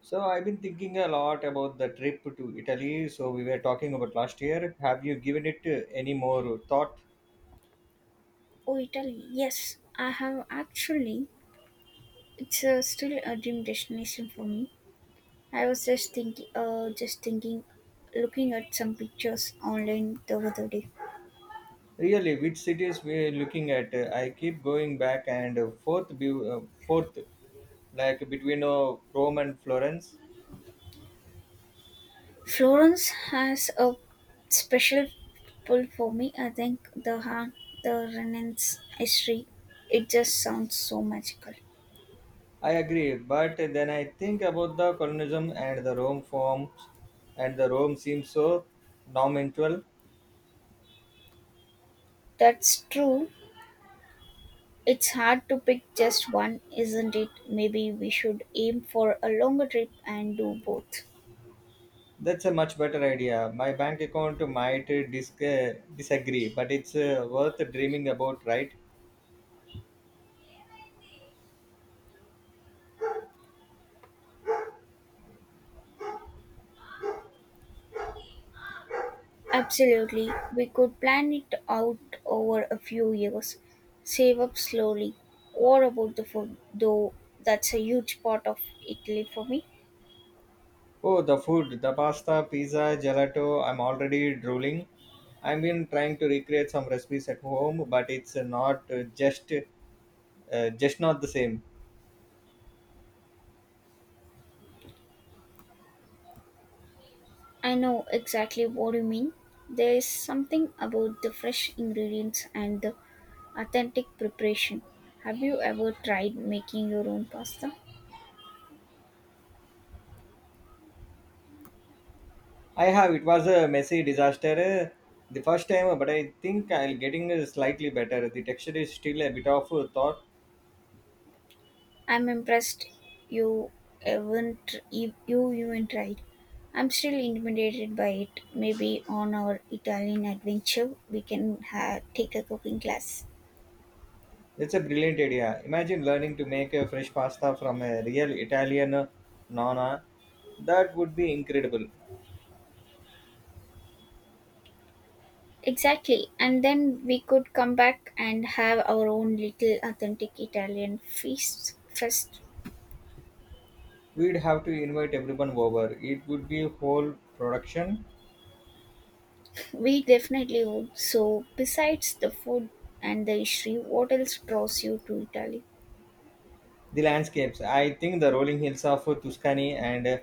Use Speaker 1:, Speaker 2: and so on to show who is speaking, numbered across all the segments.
Speaker 1: So I've been thinking a lot about the trip to Italy. So we were talking about last year. Have you given it any more thought?
Speaker 2: Oh, Italy. Yes, I have actually. It's still a dream destination for me. I was just thinking, looking at some pictures online the other day.
Speaker 1: Really, which cities we're looking at? I keep going back and forth, like between Rome and Florence.
Speaker 2: Florence has a special pull for me. I think the Renaissance history. It just sounds so magical.
Speaker 1: I agree, but then I think about the colonialism and the Rome forms, and the Rome seems so nominal.
Speaker 2: That's true. It's hard to pick just one, isn't it? Maybe we should aim for a longer trip and do both.
Speaker 1: That's a much better idea. My bank account might disagree, but it's worth dreaming about, right?
Speaker 2: Absolutely. We could plan it out over a few years, save up slowly. What about the food, though? That's a huge part of Italy for me.
Speaker 1: Oh, the food, the pasta, pizza, gelato, I'm already drooling. I've been trying to recreate some recipes at home, but it's not just not the same.
Speaker 2: I know exactly what you mean. There is something about the fresh ingredients and the authentic preparation. Have you ever tried making your own pasta?
Speaker 1: I have, it was a messy disaster the first time, but I think I'll getting slightly better. The texture is still a bit of a thought.
Speaker 2: I'm impressed you haven't you you even tried. I'm still intimidated by it. Maybe on our Italian adventure we can take a cooking class.
Speaker 1: It's a brilliant idea. Imagine learning to make a fresh pasta from a real Italian nonna. That would be incredible.
Speaker 2: Exactly, and then we could come back and have our own little authentic Italian feast fest.
Speaker 1: We'd have to invite everyone over. It would be a whole production.
Speaker 2: We definitely would. So, besides the food and the history, what else draws you to Italy?
Speaker 1: The landscapes, I think the rolling hills of Tuscany and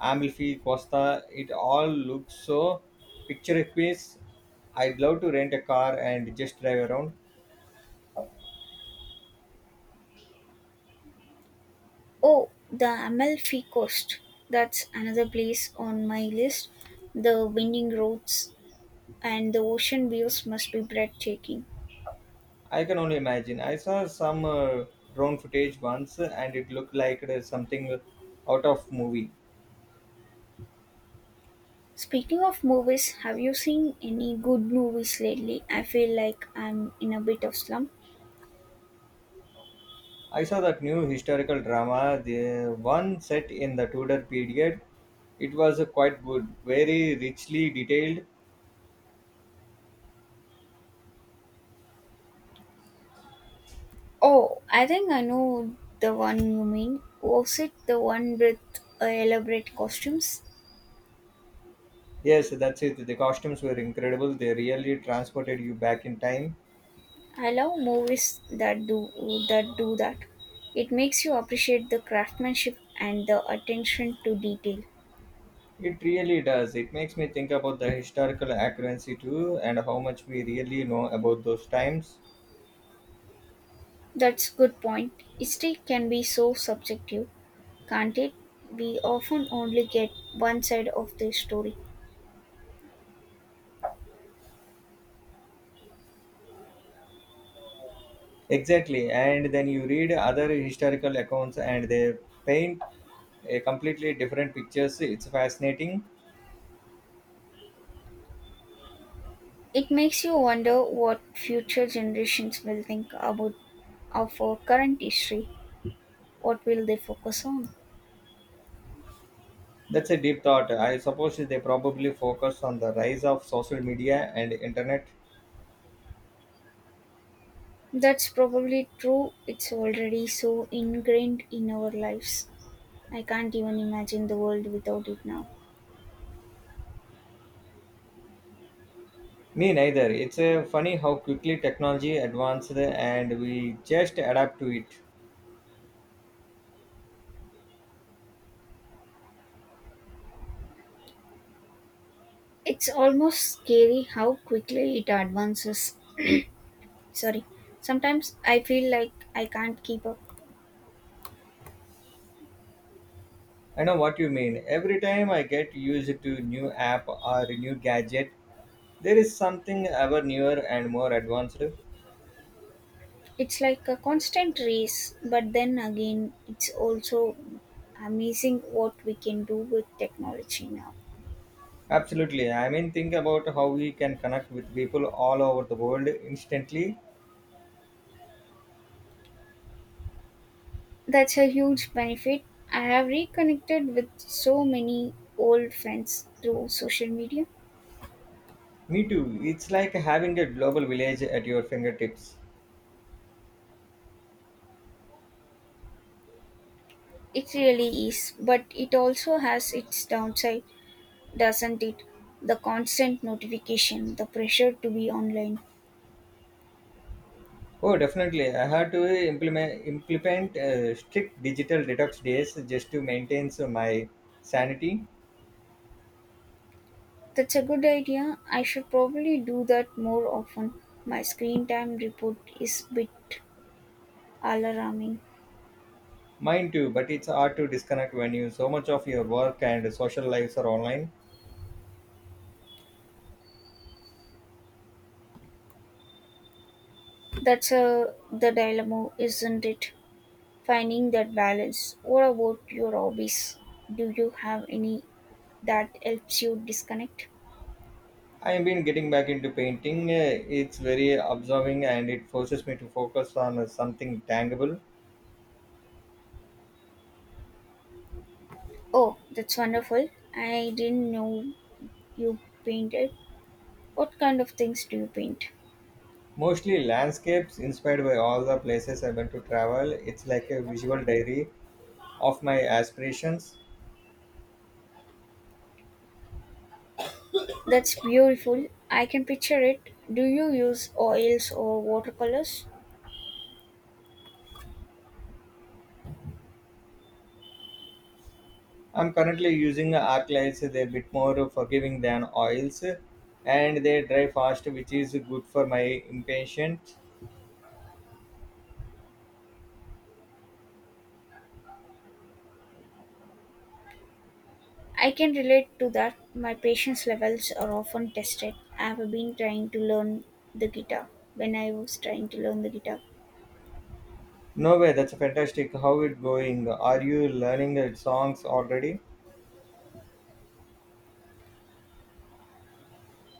Speaker 1: Amalfi Costa, it all looks so picturesque. I'd love to rent a car and just drive around.
Speaker 2: Oh, the Amalfi Coast. That's another place on my list. The winding roads and the ocean views must be breathtaking.
Speaker 1: I can only imagine. I saw some drone footage once and it looked like it is something out of movie.
Speaker 2: Speaking of movies, have you seen any good movies lately? I feel like I'm in a bit of slump.
Speaker 1: I saw that new historical drama, the one set in the Tudor period. It was quite good, very richly detailed.
Speaker 2: Oh, I think I know the one you mean. Was it the one with elaborate costumes?
Speaker 1: Yes, that's it. The costumes were incredible. They really transported you back in time.
Speaker 2: I love movies that do that. It makes you appreciate the craftsmanship and the attention to detail.
Speaker 1: It really does. It makes me think about the historical accuracy too and how much we really know about those times.
Speaker 2: That's good point. History can be so subjective, can't it? We often only get one side of the story.
Speaker 1: Exactly. And then you read other historical accounts and they paint a completely different pictures. It's fascinating.
Speaker 2: It makes you wonder what future generations will think about of our current history. What will they focus on?
Speaker 1: That's a deep thought. I suppose they probably focus on the rise of social media and internet.
Speaker 2: That's probably true. It's already so ingrained in our lives. I can't even imagine the world without it now.
Speaker 1: Me neither. It's funny how quickly technology advanced and we just adapt to it.
Speaker 2: It's almost scary how quickly it advances. Sorry. Sometimes I feel like I can't keep up.
Speaker 1: I know what you mean. Every time I get used to new app or new gadget, there is something ever newer and more advanced.
Speaker 2: It's like a constant race, but then again, it's also amazing what we can do with technology now.
Speaker 1: Absolutely. I mean, think about how we can connect with people all over the world instantly.
Speaker 2: That's a huge benefit. I have reconnected with so many old friends through social media.
Speaker 1: Me too. It's like having a global village at your fingertips.
Speaker 2: It really is, but it also has its downside, doesn't it? The constant notification, the pressure to be online.
Speaker 1: Oh, definitely. I had to implement strict digital detox days just to maintain so my sanity.
Speaker 2: That's a good idea. I should probably do that more often. My screen time report is bit alarming.
Speaker 1: Mine too, but it's hard to disconnect when you so much of your work and social lives are online.
Speaker 2: That's the dilemma, isn't it? Finding that balance. What about your hobbies? Do you have any that helps you disconnect?
Speaker 1: I've been getting back into painting. It's very absorbing and it forces me to focus on something tangible.
Speaker 2: Oh, that's wonderful. I didn't know you painted. What kind of things do you paint?
Speaker 1: Mostly landscapes inspired by all the places I went to travel. It's like a visual diary of my aspirations.
Speaker 2: That's beautiful. I can picture it. Do you use oils or watercolors?
Speaker 1: I'm currently using arc lights. They're a bit more forgiving than oils and they dry fast, which is good for my impatience.
Speaker 2: I can relate to that. My patience levels are often tested. I have been trying to learn the guitar when I was trying to learn the guitar.
Speaker 1: No way, that's fantastic. How it going? Are you learning the songs already?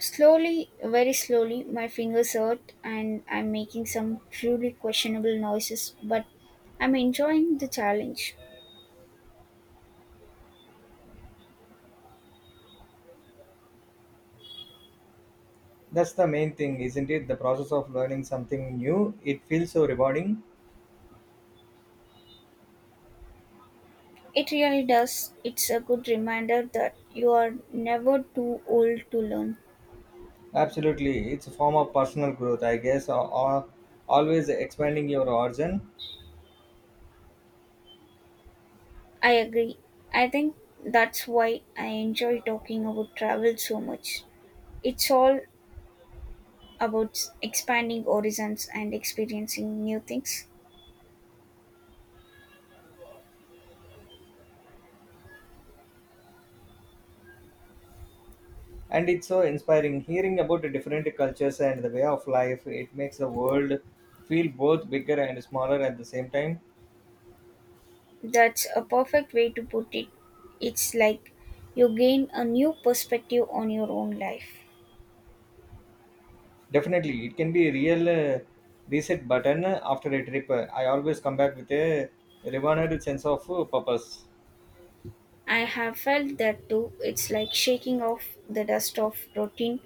Speaker 2: Slowly, very slowly, my fingers hurt and I'm making some truly questionable noises, but I'm enjoying the challenge.
Speaker 1: That's the main thing, isn't it? The process of learning something new. It feels so rewarding.
Speaker 2: It really does. It's a good reminder that you are never too old to learn.
Speaker 1: Absolutely. It's a form of personal growth, I guess, or always expanding your horizon.
Speaker 2: I agree. I think that's why I enjoy talking about travel so much. It's all about expanding horizons and experiencing new things.
Speaker 1: And it's so inspiring hearing about the different cultures and the way of life. It makes the world feel both bigger and smaller at the same time.
Speaker 2: That's a perfect way to put it. It's like you gain a new perspective on your own life.
Speaker 1: Definitely, it can be a real reset button after a trip. I always come back with a rewarded sense of purpose.
Speaker 2: I have felt that too. It's like shaking off the dust of routine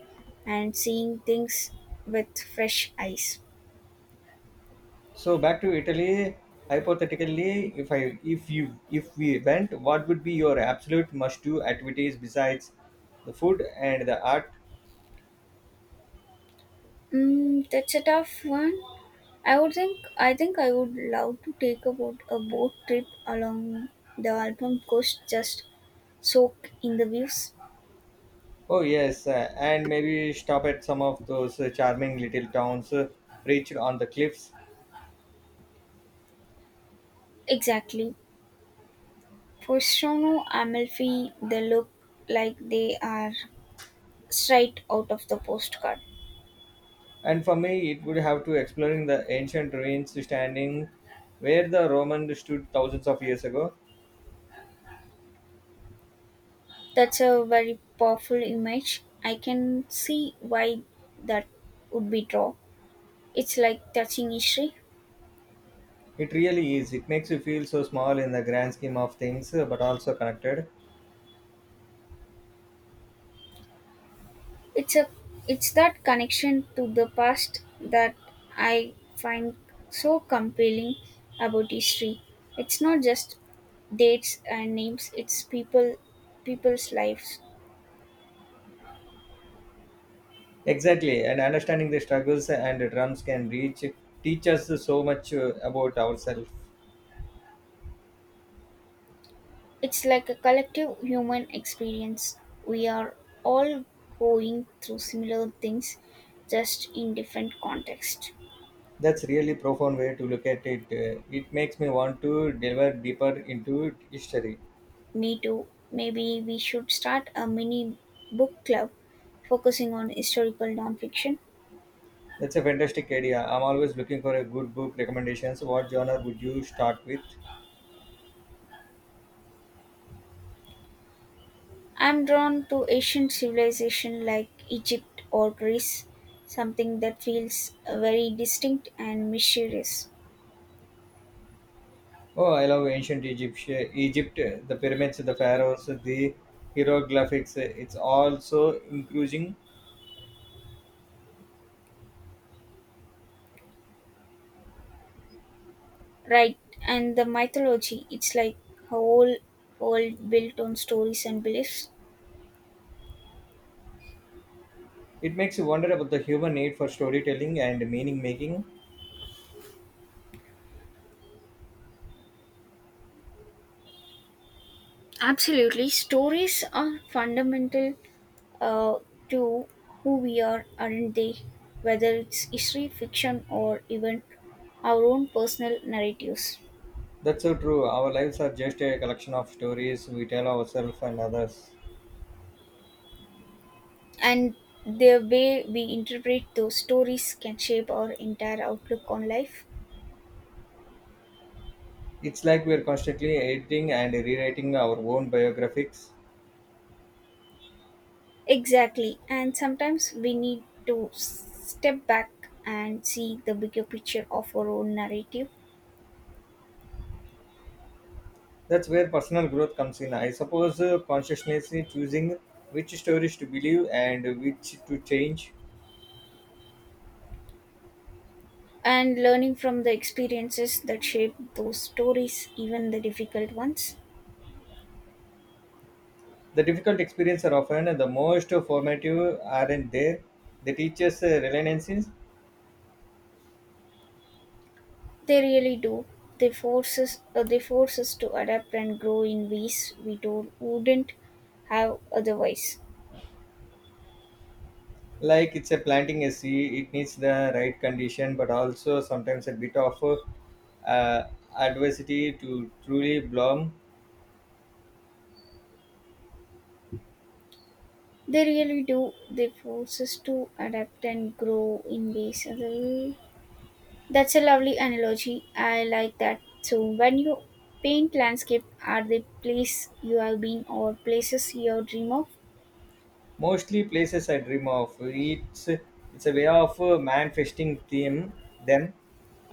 Speaker 2: and seeing things with fresh eyes.
Speaker 1: So back to Italy. Hypothetically, if I if you if we went, what would be your absolute must-do activities besides the food and the art?
Speaker 2: That's a tough one. I think I would love to take about a boat trip along the Alpen coast, just soak in the views.
Speaker 1: Oh yes, and maybe stop at some of those charming little towns perched on the cliffs.
Speaker 2: Exactly. Possono Amalfi they look like they are straight out of the postcard.
Speaker 1: And for me, it would have to exploring the ancient ruins standing where the Roman stood thousands of years ago.
Speaker 2: That's a very powerful image. I can see why that would be draw. It's like touching history.
Speaker 1: It really is. It makes you feel so small in the grand scheme of things, but also connected.
Speaker 2: It's a it's that connection to the past that I find so compelling about history. It's not just dates and names, it's people's lives.
Speaker 1: Exactly, and understanding the struggles and drums can reach teach us so much about ourselves.
Speaker 2: It's like a collective human experience. We are all going through similar things, just in different contexts.
Speaker 1: That's really profound way to look at it. It makes me want to delve deeper into history.
Speaker 2: Me too. Maybe we should start a mini book club focusing on historical nonfiction.
Speaker 1: That's a fantastic idea. I'm always looking for a good book recommendations. What genre would you start with?
Speaker 2: I'm drawn to ancient civilization like Egypt or Greece, something that feels very distinct and mysterious.
Speaker 1: Oh, I love ancient Egypt, the pyramids, the pharaohs, the hieroglyphics. It's also increasing.
Speaker 2: Right, and the mythology, it's like a whole world built on stories and beliefs.
Speaker 1: It makes you wonder about the human need for storytelling and meaning making.
Speaker 2: Absolutely. Stories are fundamental uh, to who we are, aren't they? Whether it's history, fiction, or even our own personal narratives.
Speaker 1: That's so true. Our lives are just a collection of stories we tell ourselves and others.
Speaker 2: And the way we interpret those stories can shape our entire outlook on life.
Speaker 1: It's like we're constantly editing and rewriting our own biographies.
Speaker 2: Exactly. And sometimes we need to step back and see the bigger picture of our own narrative
Speaker 1: That's where personal growth comes in. I suppose consciously choosing which stories to believe and which to change.
Speaker 2: and learning from the experiences that shape those stories, even the difficult ones.
Speaker 1: The difficult experiences are often the most formative, aren't they? They teach us resilience,
Speaker 2: They really do. They force us to adapt and grow in ways we don't, wouldn't have otherwise.
Speaker 1: like it's a planting a seed, it needs the right condition but also sometimes a bit of uh, adversity to truly bloom.
Speaker 2: They really do. They force us to adapt and grow in ways. Other- That's a lovely analogy. I like that. So, when you paint landscape, are they place you have been or places you dream of?
Speaker 1: Mostly places I dream of, it's a way of manifesting them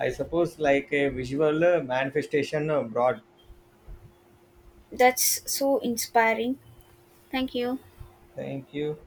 Speaker 1: I suppose, like a visual manifestation abroad.
Speaker 2: That's so inspiring. Thank you.
Speaker 1: Thank you.